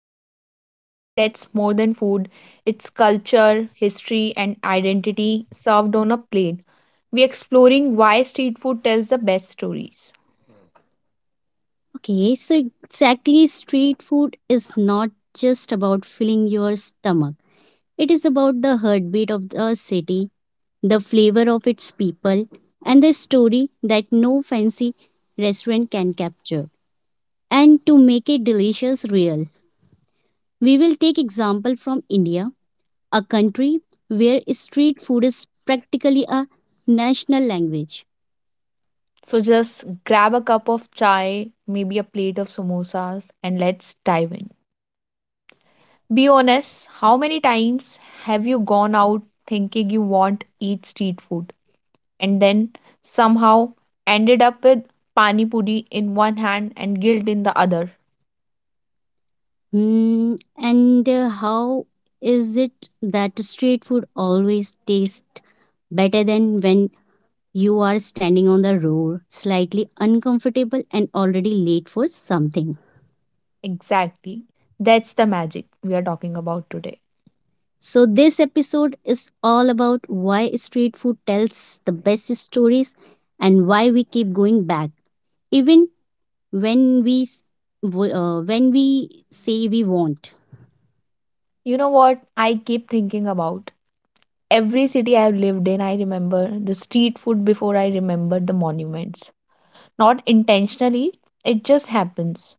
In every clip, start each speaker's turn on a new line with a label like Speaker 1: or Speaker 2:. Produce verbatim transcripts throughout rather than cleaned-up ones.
Speaker 1: about something that's more than food. It's culture, history and identity served on a plate. We are exploring why street food tells the best stories.
Speaker 2: Okay, so exactly, street food is not just about filling your stomach, it is about the heartbeat of the city, the flavor of its people, and the story that no fancy restaurant can capture. And to make it delicious real. We will take example from India, a country where street food is practically a national language.
Speaker 1: So just grab a cup of chai, maybe a plate of samosas and let's dive in. Be honest, how many times have you gone out thinking you want eat street food and then somehow ended up with pani puri in one hand and guilt in the other?
Speaker 2: Hmm, and uh, How is it that street food always tastes better than when you are standing on the road, slightly uncomfortable and already late for something?
Speaker 1: Exactly. That's the magic we are talking about today.
Speaker 2: So, this episode is all about why street food tells the best stories and why we keep going back, even when we s- w- uh, when we say we want.
Speaker 1: You know what I keep thinking about? Every city I've lived in, I remember the street food before I remember the monuments. Not intentionally, it just happens.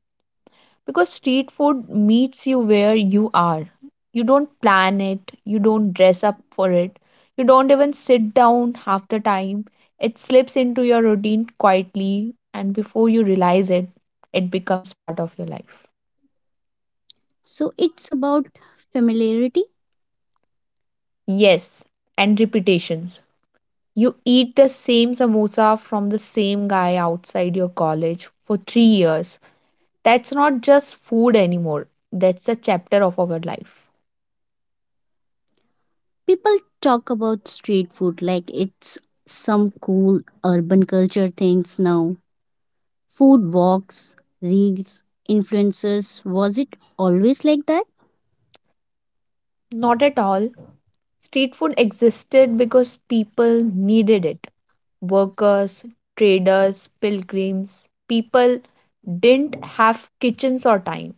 Speaker 1: Because street food meets you where you are. You don't plan it, you don't dress up for it, you don't even sit down half the time. It slips into your routine quietly, and before you realize it, it becomes part of your life.
Speaker 2: So it's about familiarity.
Speaker 1: Yes, and repetitions. You eat the same samosa from the same guy outside your college for three years. That's not just food anymore. That's a chapter of our life.
Speaker 2: People talk about street food like it's some cool urban culture things now: food walks, reels, influencers. Was it always like that?
Speaker 1: Not at all. Street food existed because people needed it. Workers, traders, pilgrims. People didn't have kitchens or time.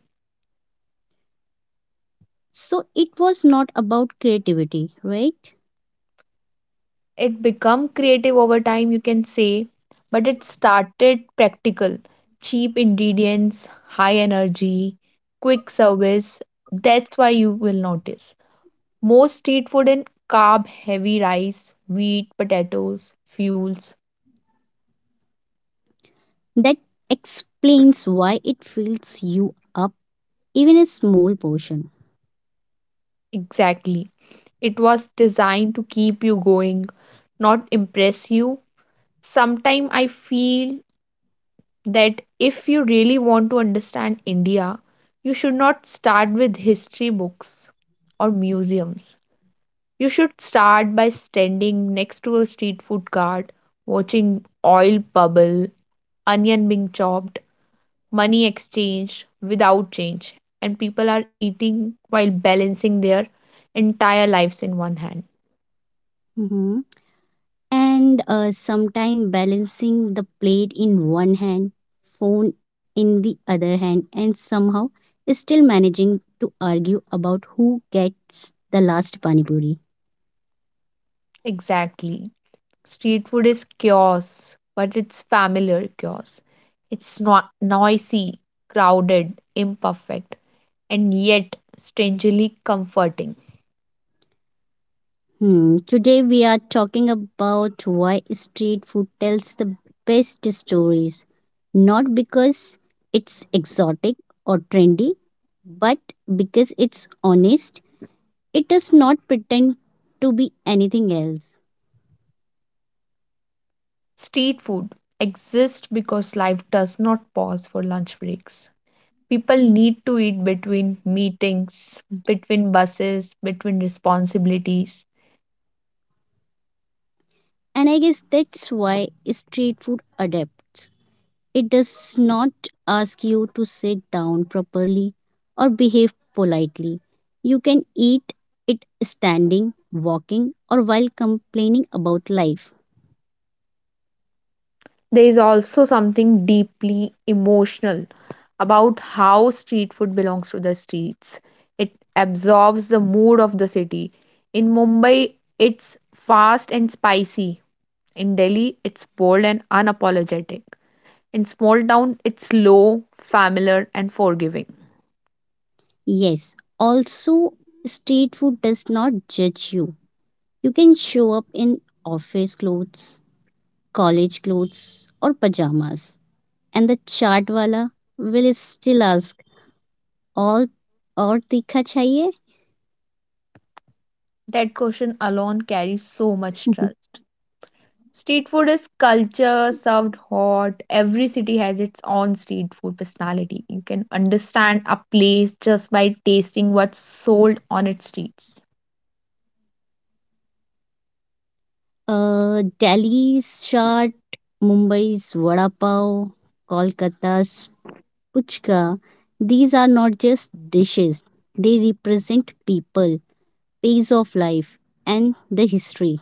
Speaker 2: So it was not about creativity, right?
Speaker 1: It become creative over time, you can say, but it started practical. Cheap ingredients, high energy, quick service. That's why you will notice most street food in carb heavy: rice, wheat, potatoes, fuels.
Speaker 2: That explains why it fills you up even a small portion.
Speaker 1: Exactly. It was designed to keep you going, not impress you. Sometimes I feel that if you really want to understand India, you should not start with history books or museums. You should start by standing next to a street food cart, watching oil bubble, onion being chopped, money exchanged without change, and people are eating while balancing their entire lives in one hand.
Speaker 2: Mhm. and uh, Sometime balancing the plate in one hand, phone in the other hand, and somehow still managing to argue about who gets the last pani puri.
Speaker 1: Exactly. Street food is chaos, but it's familiar chaos. It's no- noisy, crowded, imperfect, and yet strangely comforting.
Speaker 2: Hmm. Today we are talking about why street food tells the best stories, not because it's exotic or trendy, but because it's honest. It does not pretend to be anything else.
Speaker 1: Street food exists because life does not pause for lunch breaks. People need to eat between meetings, between buses, between responsibilities.
Speaker 2: And I guess that's why street food adapts. It does not ask you to sit down properly or behave politely. You can eat it standing, walking, or while complaining about life.
Speaker 1: There is also something deeply emotional about how street food belongs to the streets. It absorbs the mood of the city. In Mumbai, it's fast and spicy. In Delhi, it's bold and unapologetic. In small town, it's slow, familiar, and forgiving.
Speaker 2: Yes, also, street food does not judge you. You can show up in office clothes, college clothes, or pajamas. And the chaat wala will still ask, all और तीखा चाहिए.
Speaker 1: That question alone carries so much truth. Street food is culture served hot. Every city has its own street food personality. You can understand a place just by tasting what's sold on its streets.
Speaker 2: Uh, Delhi's chaat, Mumbai's vada pav, Kolkata's puchka. These are not just dishes; they represent people, phase of life, and the history.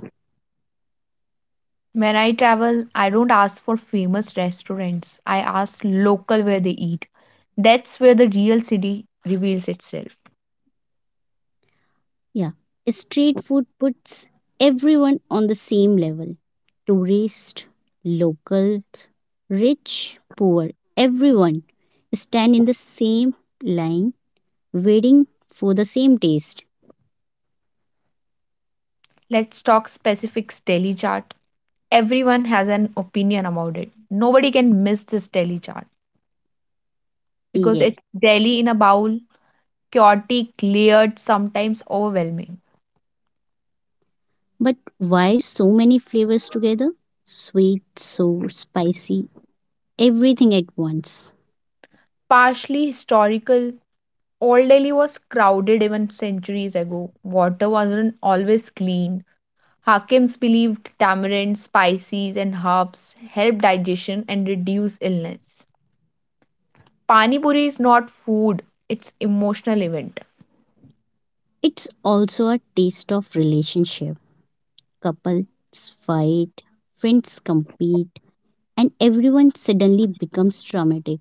Speaker 1: When I travel, I don't ask for famous restaurants. I ask local where they eat. That's where the real city reveals itself.
Speaker 2: Yeah, street food puts everyone on the same level: tourist, locals, rich, poor. Everyone stand in the same line, waiting for the same taste.
Speaker 1: Let's talk specifics, Delhi chart. Everyone has an opinion about it. Nobody can miss this Delhi chart, because
Speaker 2: Yes.
Speaker 1: it's Delhi in a bowl: chaotic, layered, sometimes overwhelming.
Speaker 2: But why so many flavors together? Sweet, sour, spicy, everything at once.
Speaker 1: Partially historical, Old Delhi was crowded even centuries ago. Water wasn't always clean. Hakims believed tamarind, spices, and herbs help digestion and reduce illness. Pani Puri is not food, it's emotional event.
Speaker 2: It's also a taste of relationship. Couples fight, friends compete, and everyone suddenly becomes dramatic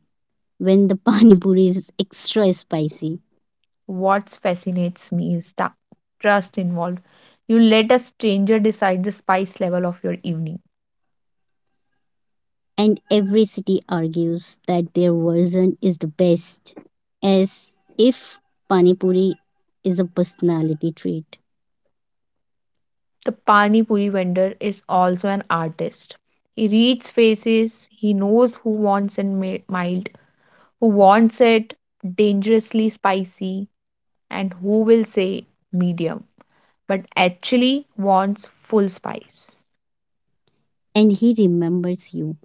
Speaker 2: when the pani puri is extra spicy.
Speaker 1: What fascinates me is the trust involved. You let a stranger decide the spice level of your evening.
Speaker 2: And every city argues that their version is the best, as if pani puri is a personality trait.
Speaker 1: The Pani Puri vendor is also an artist. He reads faces, he knows who wants it mi- mild, who wants it dangerously spicy, and who will say medium, but actually wants full spice.
Speaker 2: And he remembers you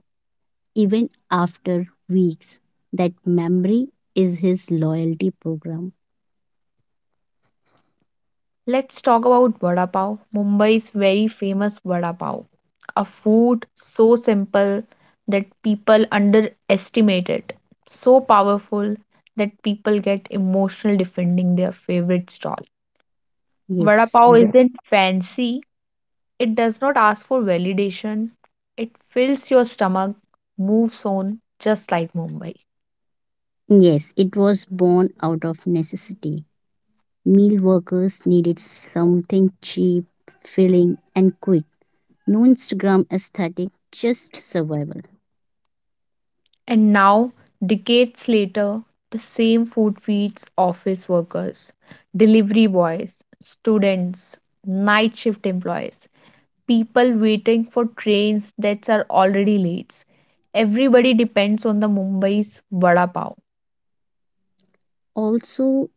Speaker 2: even after weeks. That memory is his loyalty program.
Speaker 1: Let's talk about vada pav, Mumbai's very famous vada pav, a food so simple that people underestimate it, so powerful that people get emotional defending their favorite stall. Vada
Speaker 2: Yes,
Speaker 1: pav
Speaker 2: w-
Speaker 1: isn't fancy, it does not ask for validation. It fills your stomach, moves on just like Mumbai.
Speaker 2: yes, it was born out of necessity. Meal workers needed something cheap, filling, and quick. No Instagram aesthetic, just survival.
Speaker 1: And now, decades later, the same food feeds office workers, delivery boys, students, night shift employees, people waiting for trains that are already late. Everybody depends on the Mumbai's vada pav.
Speaker 2: Also,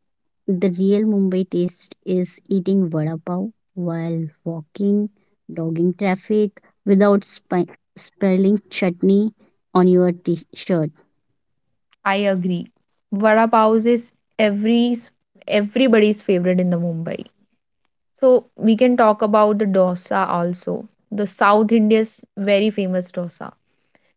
Speaker 2: the real Mumbai taste is eating vada pav while walking, dogging traffic without spi- spilling chutney on your t shirt.
Speaker 1: I agree. Vada pav is every everybody's favorite in the Mumbai. So we can talk about the dosa also. The South India's very famous dosa.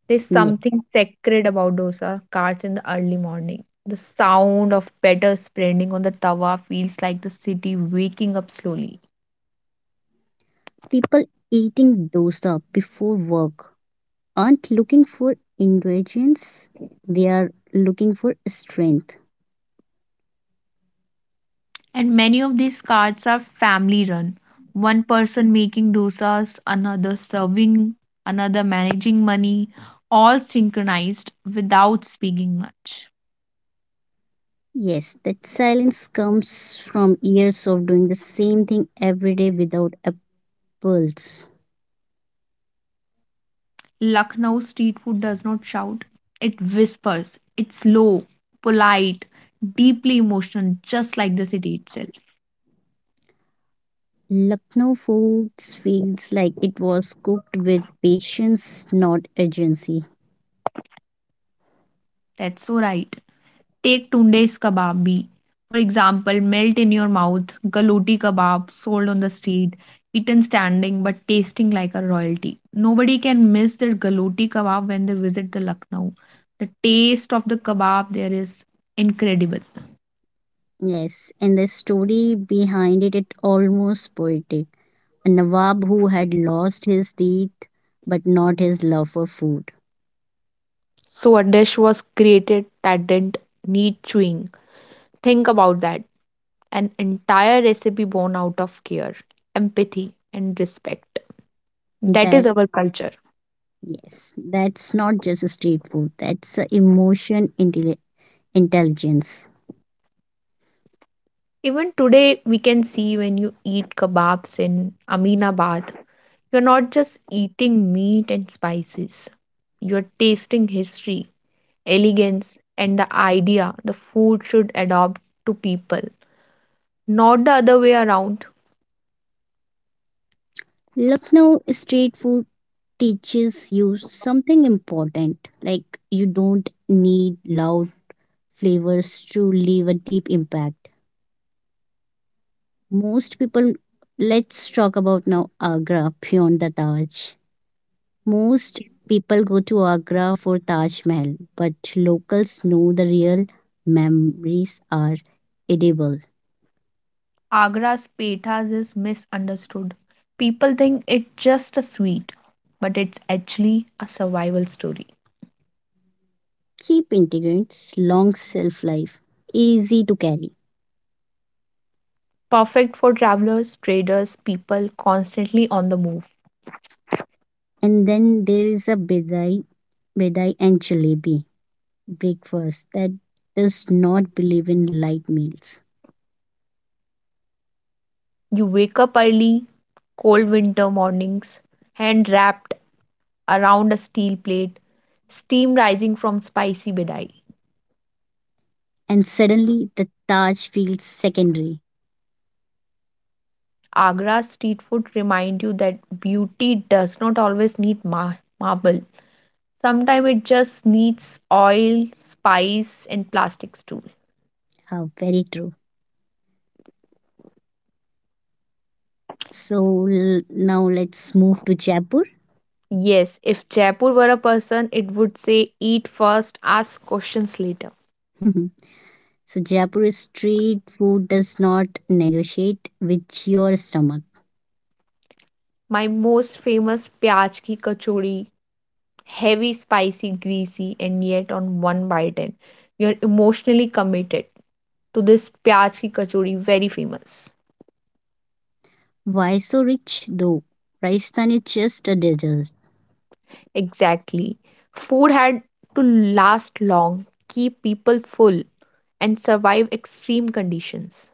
Speaker 1: There's something sacred about dosa carts in the early morning. The sound of batter spreading on the tawa feels like the city waking up slowly.
Speaker 2: People eating dosa before work aren't looking for indulgence, they are looking for strength.
Speaker 1: And many of these carts are family run. One person making dosas, another serving, another managing money, all synchronized without speaking much.
Speaker 2: Yes, that silence comes from years of doing the same thing every day without a pulse.
Speaker 1: Lucknow street food does not shout, it whispers. It's low, polite, deeply emotional, just like the city itself.
Speaker 2: Lucknow food feels like it was cooked with patience, not urgency.
Speaker 1: That's so right. Take Tunde's kebab bhi. For example, melt in your mouth, galoti kebab sold on the street, eaten standing but tasting like a royalty. Nobody can miss the galoti kebab when they visit the Lucknow. The taste of the kebab there is incredible.
Speaker 2: Yes, and the story behind it is almost poetic. A Nawab who had lost his teeth but not his love for food.
Speaker 1: So a dish was created that didn't need chewing. Think about that. An entire recipe born out of care, empathy, and respect. That is
Speaker 2: That
Speaker 1: our culture.
Speaker 2: yes, that's not just a street food. That's a emotion intelli- intelligence.
Speaker 1: Even today, we can see when you eat kebabs in Aminabad, you're not just eating meat and spices, you're tasting history, elegance, and the idea the food should adopt to people, not the other way around.
Speaker 2: Lucknow street food teaches you something important. Like you don't need loud flavors to leave a deep impact. Most people. Let's talk about now Agra beyond the Taj. Most people go to Agra for Taj Mahal, but locals know the real memories are edible.
Speaker 1: Agra's petas is misunderstood. People think it's just a sweet, but it's actually a survival story.
Speaker 2: Keep integrants long shelf life, easy to carry.
Speaker 1: Perfect for travelers, traders, people constantly on the move.
Speaker 2: And then there is a bedai, bedai and jalebi breakfast that does not believe in light meals.
Speaker 1: You wake up early, cold winter mornings, hand wrapped around a steel plate, steam rising from spicy bidai.
Speaker 2: And suddenly the Taj feels secondary.
Speaker 1: Agra's street food remind you that beauty does not always need ma marble. Sometimes it just needs oil, spice, and plastic stool.
Speaker 2: How very true. So l- now let's move to Jaipur.
Speaker 1: Yes, if Jaipur were a person, it would say eat first, ask questions later.
Speaker 2: So Jaipur street food does not negotiate with your stomach.
Speaker 1: My most famous pyaj ki kachori, heavy, spicy, greasy, and yet on one bite in, you're emotionally committed to this pyaz ki kachori, very famous.
Speaker 2: Why so rich though? Rajasthan is just a desert.
Speaker 1: Exactly. Food had to last long, keep people full, and survive extreme conditions.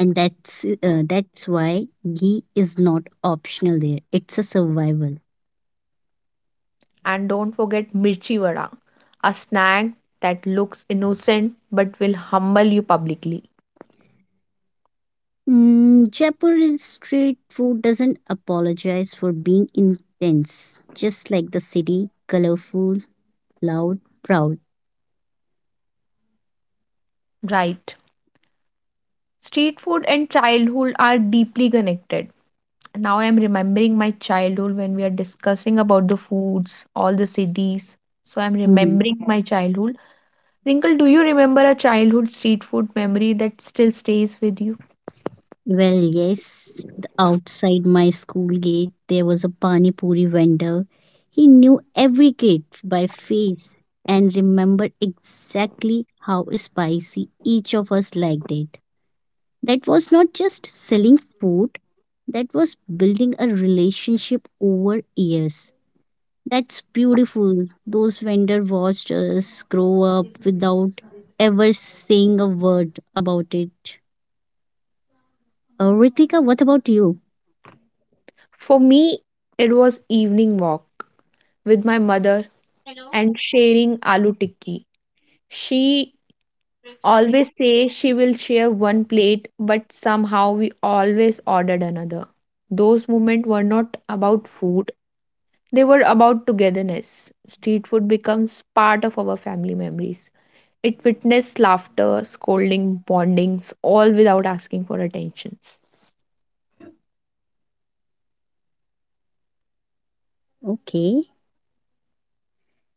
Speaker 2: And that's uh, That's why ghee is not optional there, it's a survival.
Speaker 1: And don't forget mirchi vada, a snack that looks innocent but will humble you publicly.
Speaker 2: Mm, Jaipur street food doesn't apologize for being intense, just like the city: colorful, loud, proud.
Speaker 1: Right. Street food and childhood are deeply connected. Now I am remembering my childhood when we are discussing about the foods, all the cities. So I'm
Speaker 2: Mhm.
Speaker 1: remembering my childhood. Wrinkle, do you remember a childhood street food memory that still stays with you?
Speaker 2: Well yes, the outside my school gate there was a pani puri vendor. He knew every kid by face and remembered exactly how spicy each of us liked it. That was not just selling food, that was building a relationship over years. That's beautiful. Those vendor watched us grow up without ever saying a word about it. Uh, Ritika, what about you?
Speaker 1: For me, it was evening walk with my mother and sharing aloo tikki. She always say she will share one plate, but somehow we always ordered another. Those moments were not about food. They were about togetherness. Street food becomes part of our family memories. It witnessed laughter, scolding, bondings, all without asking for attention.
Speaker 2: Okay,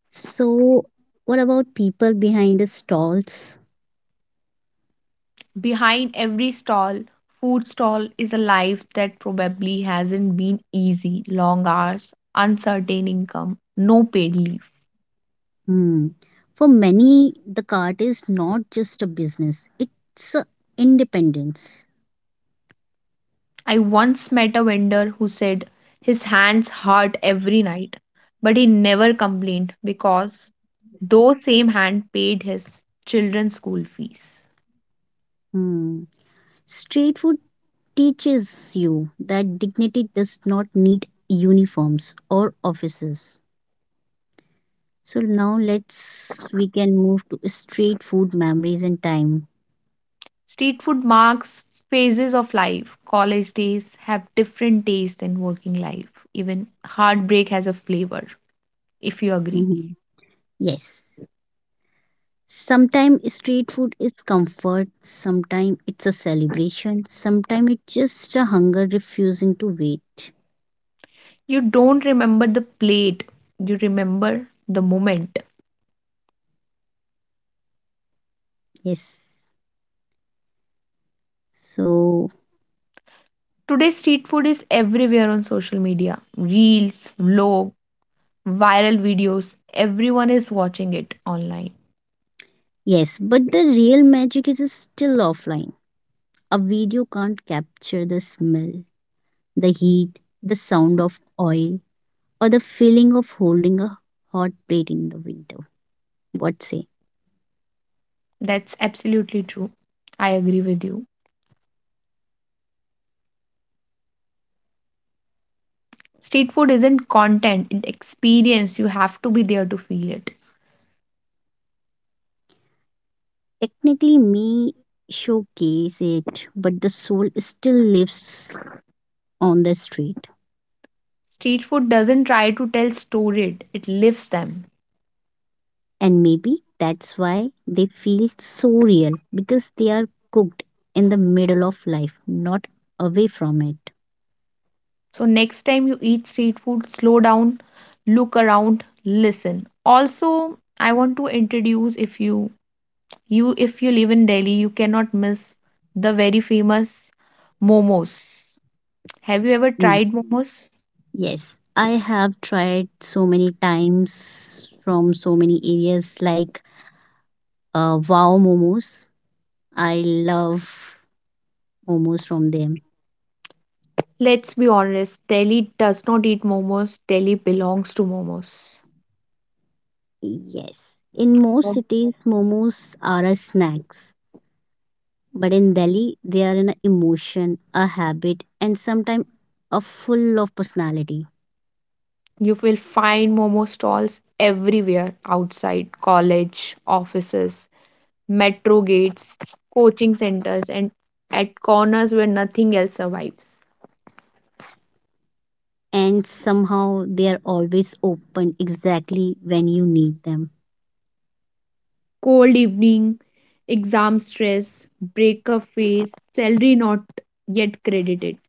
Speaker 2: so what about people behind the stalls?
Speaker 1: Behind every stall, food stall is a life that probably hasn't been easy. Long hours, uncertain income, no paid leave.
Speaker 2: Hmm. For many, the cart is not just a business; it's a independence.
Speaker 1: I once met a vendor who said his hands hurt every night, but he never complained because those same hand paid his children's school fees.
Speaker 2: Hmm. Street food teaches you that dignity does not need uniforms or offices. So now let's we can move to street food memories and time.
Speaker 1: Street food marks phases of life. College days have different days than working life. Even heartbreak has a flavor, if you agree.
Speaker 2: Mhm. Yes. Sometimes street food is comfort, sometimes it's a celebration, sometimes it's just a hunger refusing to wait.
Speaker 1: You don't remember the plate, you remember the moment.
Speaker 2: Yes. So,
Speaker 1: Today, street food is everywhere on social media reels, vlog, viral videos. Everyone is watching it online.
Speaker 2: yes, but the real magic is still offline. A video can't capture the smell, the heat, the sound of oil, or the feeling of holding a hot plate in the winter. What say?
Speaker 1: That's absolutely true. I agree with you. Street food isn't content, it's experience. You have to be there to feel it.
Speaker 2: Technically, me showcase it, but the soul still lives on the street.
Speaker 1: Street food doesn't try to tell storied, it lives them.
Speaker 2: And maybe that's why they feel so real, because they are cooked in the middle of life, not away from it.
Speaker 1: So next time you eat street food, slow down, look around, listen. Also, I want to introduce if you you if you live in Delhi, you cannot miss the very famous momos. Have you ever
Speaker 2: Mm.
Speaker 1: tried momos?
Speaker 2: Yes, I have tried so many times from so many areas like uh, wow momos. I love momos from them.
Speaker 1: Let's be honest, Delhi does not eat momos. Delhi belongs to momos.
Speaker 2: Yes. In most
Speaker 1: Mom-
Speaker 2: cities, momos are a snacks, but in Delhi, they are an emotion, a habit, and sometimes a full of personality.
Speaker 1: You will find momo stalls everywhere, outside college, offices, metro gates, coaching centers, and at corners where nothing else survives.
Speaker 2: And somehow they are always open exactly when you need them.
Speaker 1: Cold evening, exam stress, breakup phase, salary not yet credited.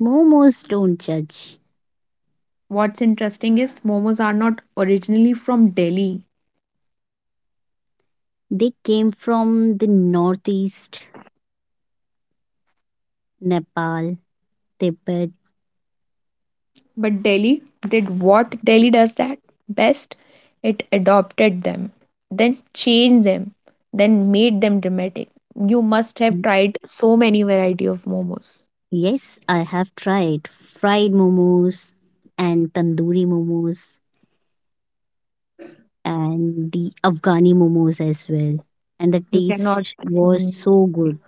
Speaker 2: Momos don't judge.
Speaker 1: What's interesting is momos are not originally from Delhi,
Speaker 2: They came from the northeast, Nepal, Tibet.
Speaker 1: but Delhi did what Delhi does that best. It adopted them, then changed them, then made them dramatic. You must have tried so many variety of momos.
Speaker 2: Yes, I have tried fried momos and tandoori momos and the Afghani momos as well. And the
Speaker 1: You cannot.
Speaker 2: taste was
Speaker 1: Mm.
Speaker 2: so good.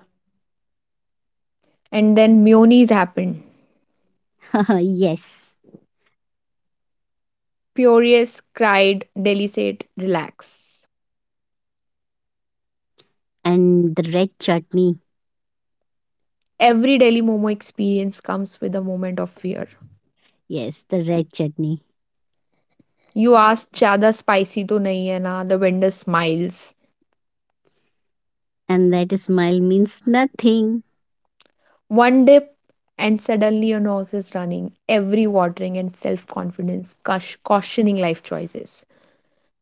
Speaker 1: And then mayonnaise happened.
Speaker 2: Yes.
Speaker 1: Furious, cried, Delhi said, relax.
Speaker 2: And the red chutney.
Speaker 1: Every Delhi Momo experience comes with a moment of fear.
Speaker 2: Yes, the red chutney.
Speaker 1: You ask, Chada spicy to nahi hai na? The vendor smiles.
Speaker 2: And that smile means nothing.
Speaker 1: One dip, and suddenly your nose is running, every watering and self confidence, cautioning life choices.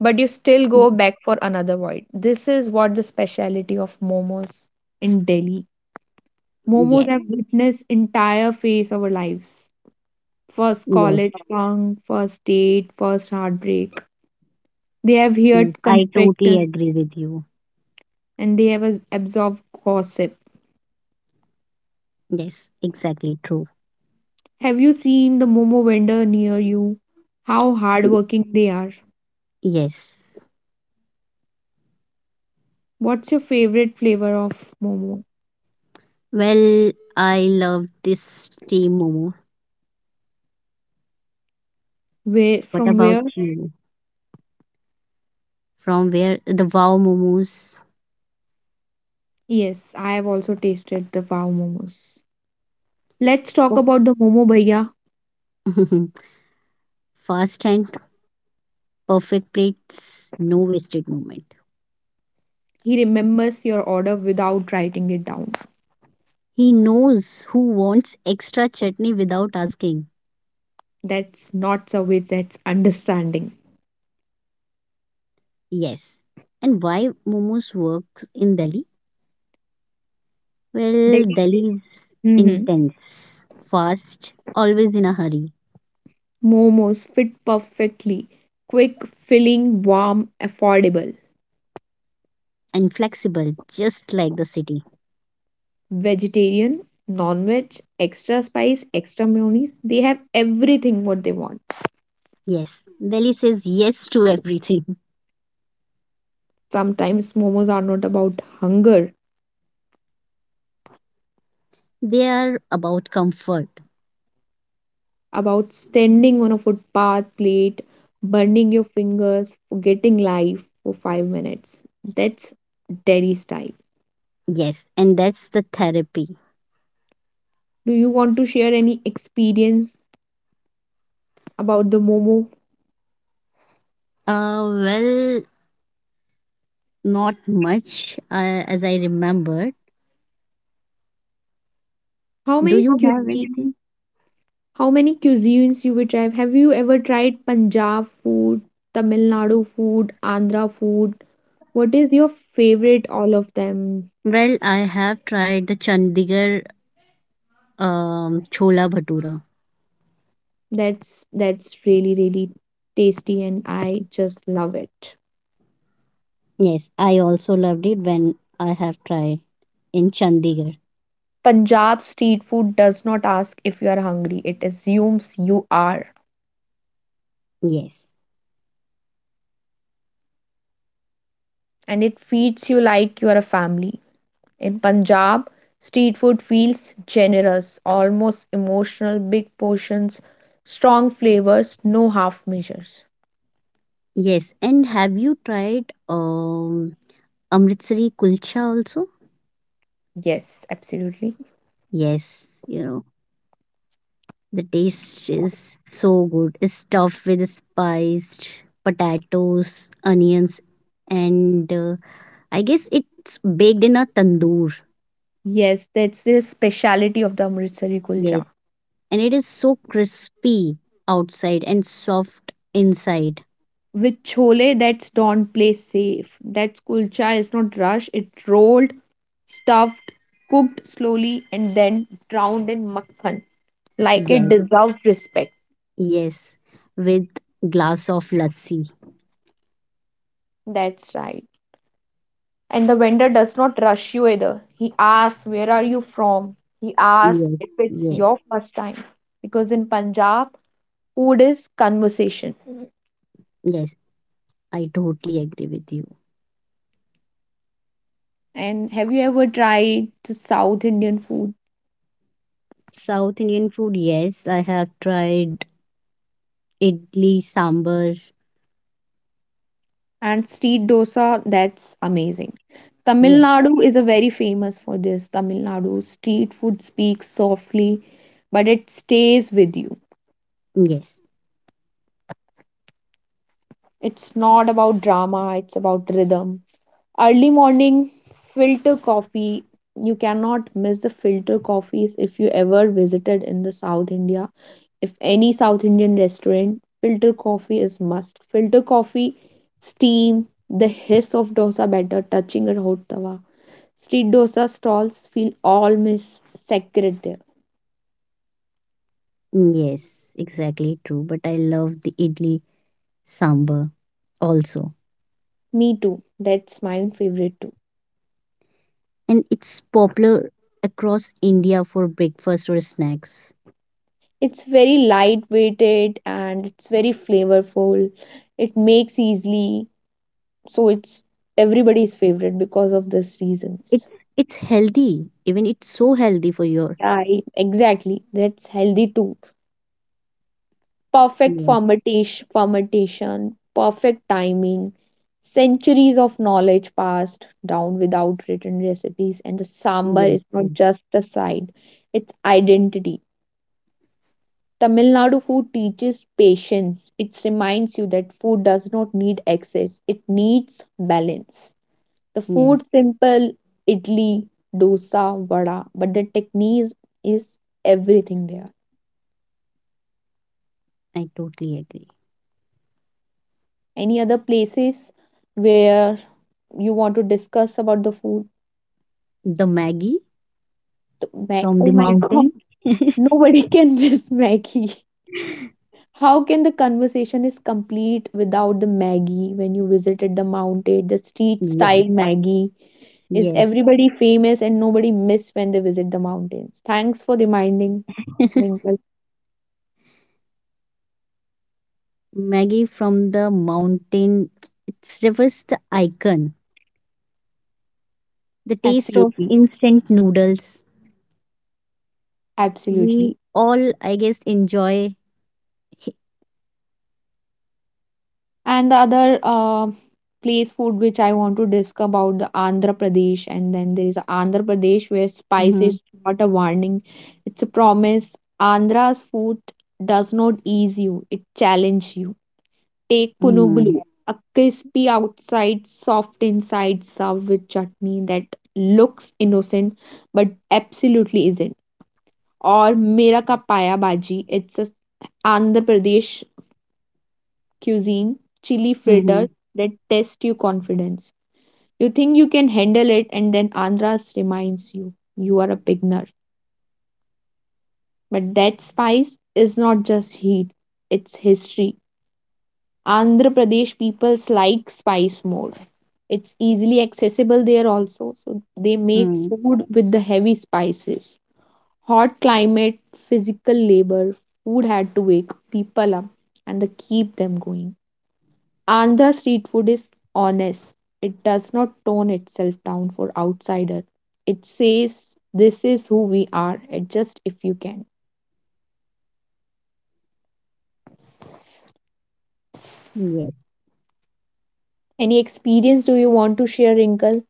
Speaker 1: But you still go back for another void. This is what the speciality of momos in Delhi. Momos
Speaker 2: Yes,
Speaker 1: have witnessed entire phase of our lives. First
Speaker 2: yes,
Speaker 1: college song, first date, first heartbreak. They have
Speaker 2: yes.
Speaker 1: heard
Speaker 2: I totally
Speaker 1: confessions
Speaker 2: agree with you.
Speaker 1: and they have as- absorbed gossip.
Speaker 2: Yes, exactly true.
Speaker 1: Have you seen the Momo vendor near you? How
Speaker 2: Y-
Speaker 1: hardworking they are.
Speaker 2: Yes.
Speaker 1: What's your favorite flavor of Momo?
Speaker 2: Well, I love this steam momo.
Speaker 1: Where
Speaker 2: What
Speaker 1: from where?
Speaker 2: about you? From where the wow momos.
Speaker 1: Yes, I have also tasted the Wow Momos. Let's talk
Speaker 2: Oh,
Speaker 1: about the Momo Bhaiya.
Speaker 2: fast and perfect plates, no wasted moment.
Speaker 1: He remembers your order without writing it down.
Speaker 2: He knows who wants extra chutney without asking.
Speaker 1: That's not service, that's understanding.
Speaker 2: Yes. And why momos works in Delhi? Well,
Speaker 1: Deli-
Speaker 2: Delhi is
Speaker 1: Mhm.
Speaker 2: intense, fast, always in a hurry,
Speaker 1: Momos fit perfectly. Quick, filling, warm, affordable.
Speaker 2: and flexible, just like the city.
Speaker 1: Vegetarian, non veg, extra spice, extra mayonnaise. They have everything what they want.
Speaker 2: Yes. Delhi says yes to everything.
Speaker 1: Sometimes momos are not about hunger,
Speaker 2: They are about comfort.
Speaker 1: about standing on a footpath plate, burning your fingers, forgetting life for five minutes. That's Delhi style.
Speaker 2: Yes. And that's the therapy.
Speaker 1: Do you want to share any experience about the momo?
Speaker 2: Uh, well, Not much, uh, as I remembered.
Speaker 1: How
Speaker 2: Do
Speaker 1: many
Speaker 2: you have
Speaker 1: cuisines
Speaker 2: anything?
Speaker 1: How many cuisines you will try? Have you ever tried Punjab food, Tamil Nadu food, Andhra food? What is your favorite all of them?
Speaker 2: Well, I have tried the Chandigarh um, Chola Bhatura.
Speaker 1: That's that's really really tasty and I just love it.
Speaker 2: Yes, I also loved it when I have tried in Chandigarh.
Speaker 1: Punjab street food does not ask if you are hungry. It assumes you are,
Speaker 2: Yes.
Speaker 1: and it feeds you like you are a family. In Punjab, street food feels generous, almost emotional, big portions, strong flavors, no half measures.
Speaker 2: Yes, and have you tried um, Amritsari Kulcha also?
Speaker 1: Yes, absolutely.
Speaker 2: Yes, you know, the taste is so good. It's stuffed with spiced potatoes, onions, and uh, I guess it's baked in a tandoor.
Speaker 1: Yes, that's the speciality of the Amritsari
Speaker 2: Yes.
Speaker 1: kulcha.
Speaker 2: And it is so crispy outside and soft inside.
Speaker 1: With chole, that's don't play safe. That kulcha is not rushed. It's rolled, stuffed, cooked slowly, and then drowned in makhan. Like it
Speaker 2: Yes.
Speaker 1: deserves respect.
Speaker 2: Yes. With glass of lassi.
Speaker 1: That's right. And the vendor does not rush you either. He asks, "Where are you from?" He asks
Speaker 2: Yes.
Speaker 1: if it's
Speaker 2: Yes.
Speaker 1: your first time. Because in Punjab, food is conversation.
Speaker 2: Yes. I totally agree with you.
Speaker 1: And have you ever tried the South Indian food
Speaker 2: South Indian food, yes. I have tried idli, sambar.
Speaker 1: and street dosa? That's amazing. Tamil
Speaker 2: Yes.
Speaker 1: Nadu is a very famous for this. Tamil Nadu street food speaks softly, but it stays with you.
Speaker 2: Yes.
Speaker 1: It's not about drama, it's about rhythm. Early morning filter coffee, you cannot miss the filter coffees if you ever visited in the south india. If any south indian restaurant, filter coffee is must. Filter coffee steam, the hiss of dosa batter touching a hot tawa, street dosa stalls feel almost sacred there.
Speaker 2: Yes. Exactly true. But I love the idli sambar also.
Speaker 1: Me too. That's my own favorite too.
Speaker 2: And it's popular across India for breakfast or snacks.
Speaker 1: It's very lightweighted and it's very flavorful. It makes easily. So it's everybody's favorite because of this reasons.
Speaker 2: It's it's healthy. Even it's so healthy for your
Speaker 1: Yeah, it- exactly. That's healthy too. Perfect
Speaker 2: yes,
Speaker 1: fermentation, formatation, perfect timing, centuries of knowledge passed down without written recipes, and the sambar
Speaker 2: yes,
Speaker 1: is
Speaker 2: yes.
Speaker 1: not just a side, it's identity. Tamil Nadu food teaches patience. It reminds you that food does not need excess, it needs balance. The food
Speaker 2: Yes,
Speaker 1: simple, idli, dosa, vada, but the technique is everything there.
Speaker 2: I totally agree.
Speaker 1: Any other places where you want to discuss about the food?
Speaker 2: The Maggie
Speaker 1: The Mac-
Speaker 2: from
Speaker 1: oh
Speaker 2: the
Speaker 1: my
Speaker 2: mountain.
Speaker 1: god, nobody can miss Maggie. How can the conversation is complete without the Maggie when you visited the mountain, the street
Speaker 2: Yes,
Speaker 1: style Maggie? Is
Speaker 2: yes.
Speaker 1: everybody famous and nobody miss when they visit the mountains. Thanks for reminding, Winkle.
Speaker 2: Maggie from the mountain. It refers the icon, the taste of
Speaker 1: Absolutely,
Speaker 2: instant noodles. We
Speaker 1: absolutely.
Speaker 2: all, I guess, enjoy.
Speaker 1: And the other uh, place food which I want to discuss about the Andhra Pradesh, and then there is Andhra Pradesh where spice
Speaker 2: Mm-hmm.
Speaker 1: is not a warning; it's a promise. Andhra's food does not ease you; it challenges you. Take
Speaker 2: Mm-hmm.
Speaker 1: punugulu, a crispy outside, soft inside, served with chutney that looks innocent but absolutely isn't. Or Mera ka paya bhaji, it's a Andhra Pradesh cuisine, chili filter that test your confidence. You think you can handle it, and then Andras reminds you you are a beginner. But that spice is not just heat, it's history. Andhra Pradesh people like spice more. It's easily accessible there also, so they make
Speaker 2: Mm-hmm.
Speaker 1: food with the heavy spices. Hot climate, physical labor, food had to wake people up and they keep them going. Andhra street food is honest. It does not tone itself down for outsider. It says this is who we are. Adjust if you can. Any experience do you want to share, Wrinkle,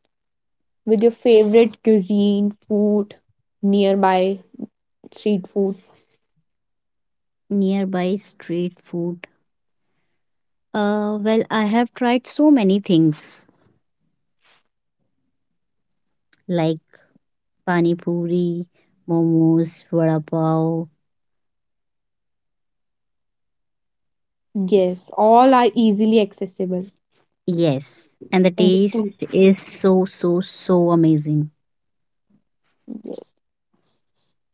Speaker 1: with your favorite cuisine, food, nearby street food?
Speaker 2: Nearby street food? Uh, well, I have tried so many things like pani puri, momos, vada pav.
Speaker 1: Yes, all are easily accessible
Speaker 2: Yes, and the
Speaker 1: in the
Speaker 2: taste
Speaker 1: street.
Speaker 2: is so so so amazing.
Speaker 1: Yes.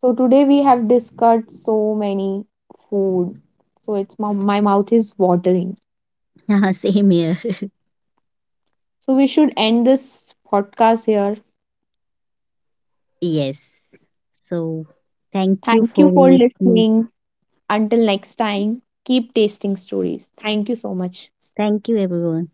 Speaker 1: So today we have discussed so many food. So it's my, my mouth is watering.
Speaker 2: Yeah, same here.
Speaker 1: So we should end this podcast here.
Speaker 2: Yes. So, thank you
Speaker 1: Thank you
Speaker 2: for
Speaker 1: for
Speaker 2: listening.
Speaker 1: listening. Until next time, keep tasting stories. Thank you so much.
Speaker 2: Thank you, everyone.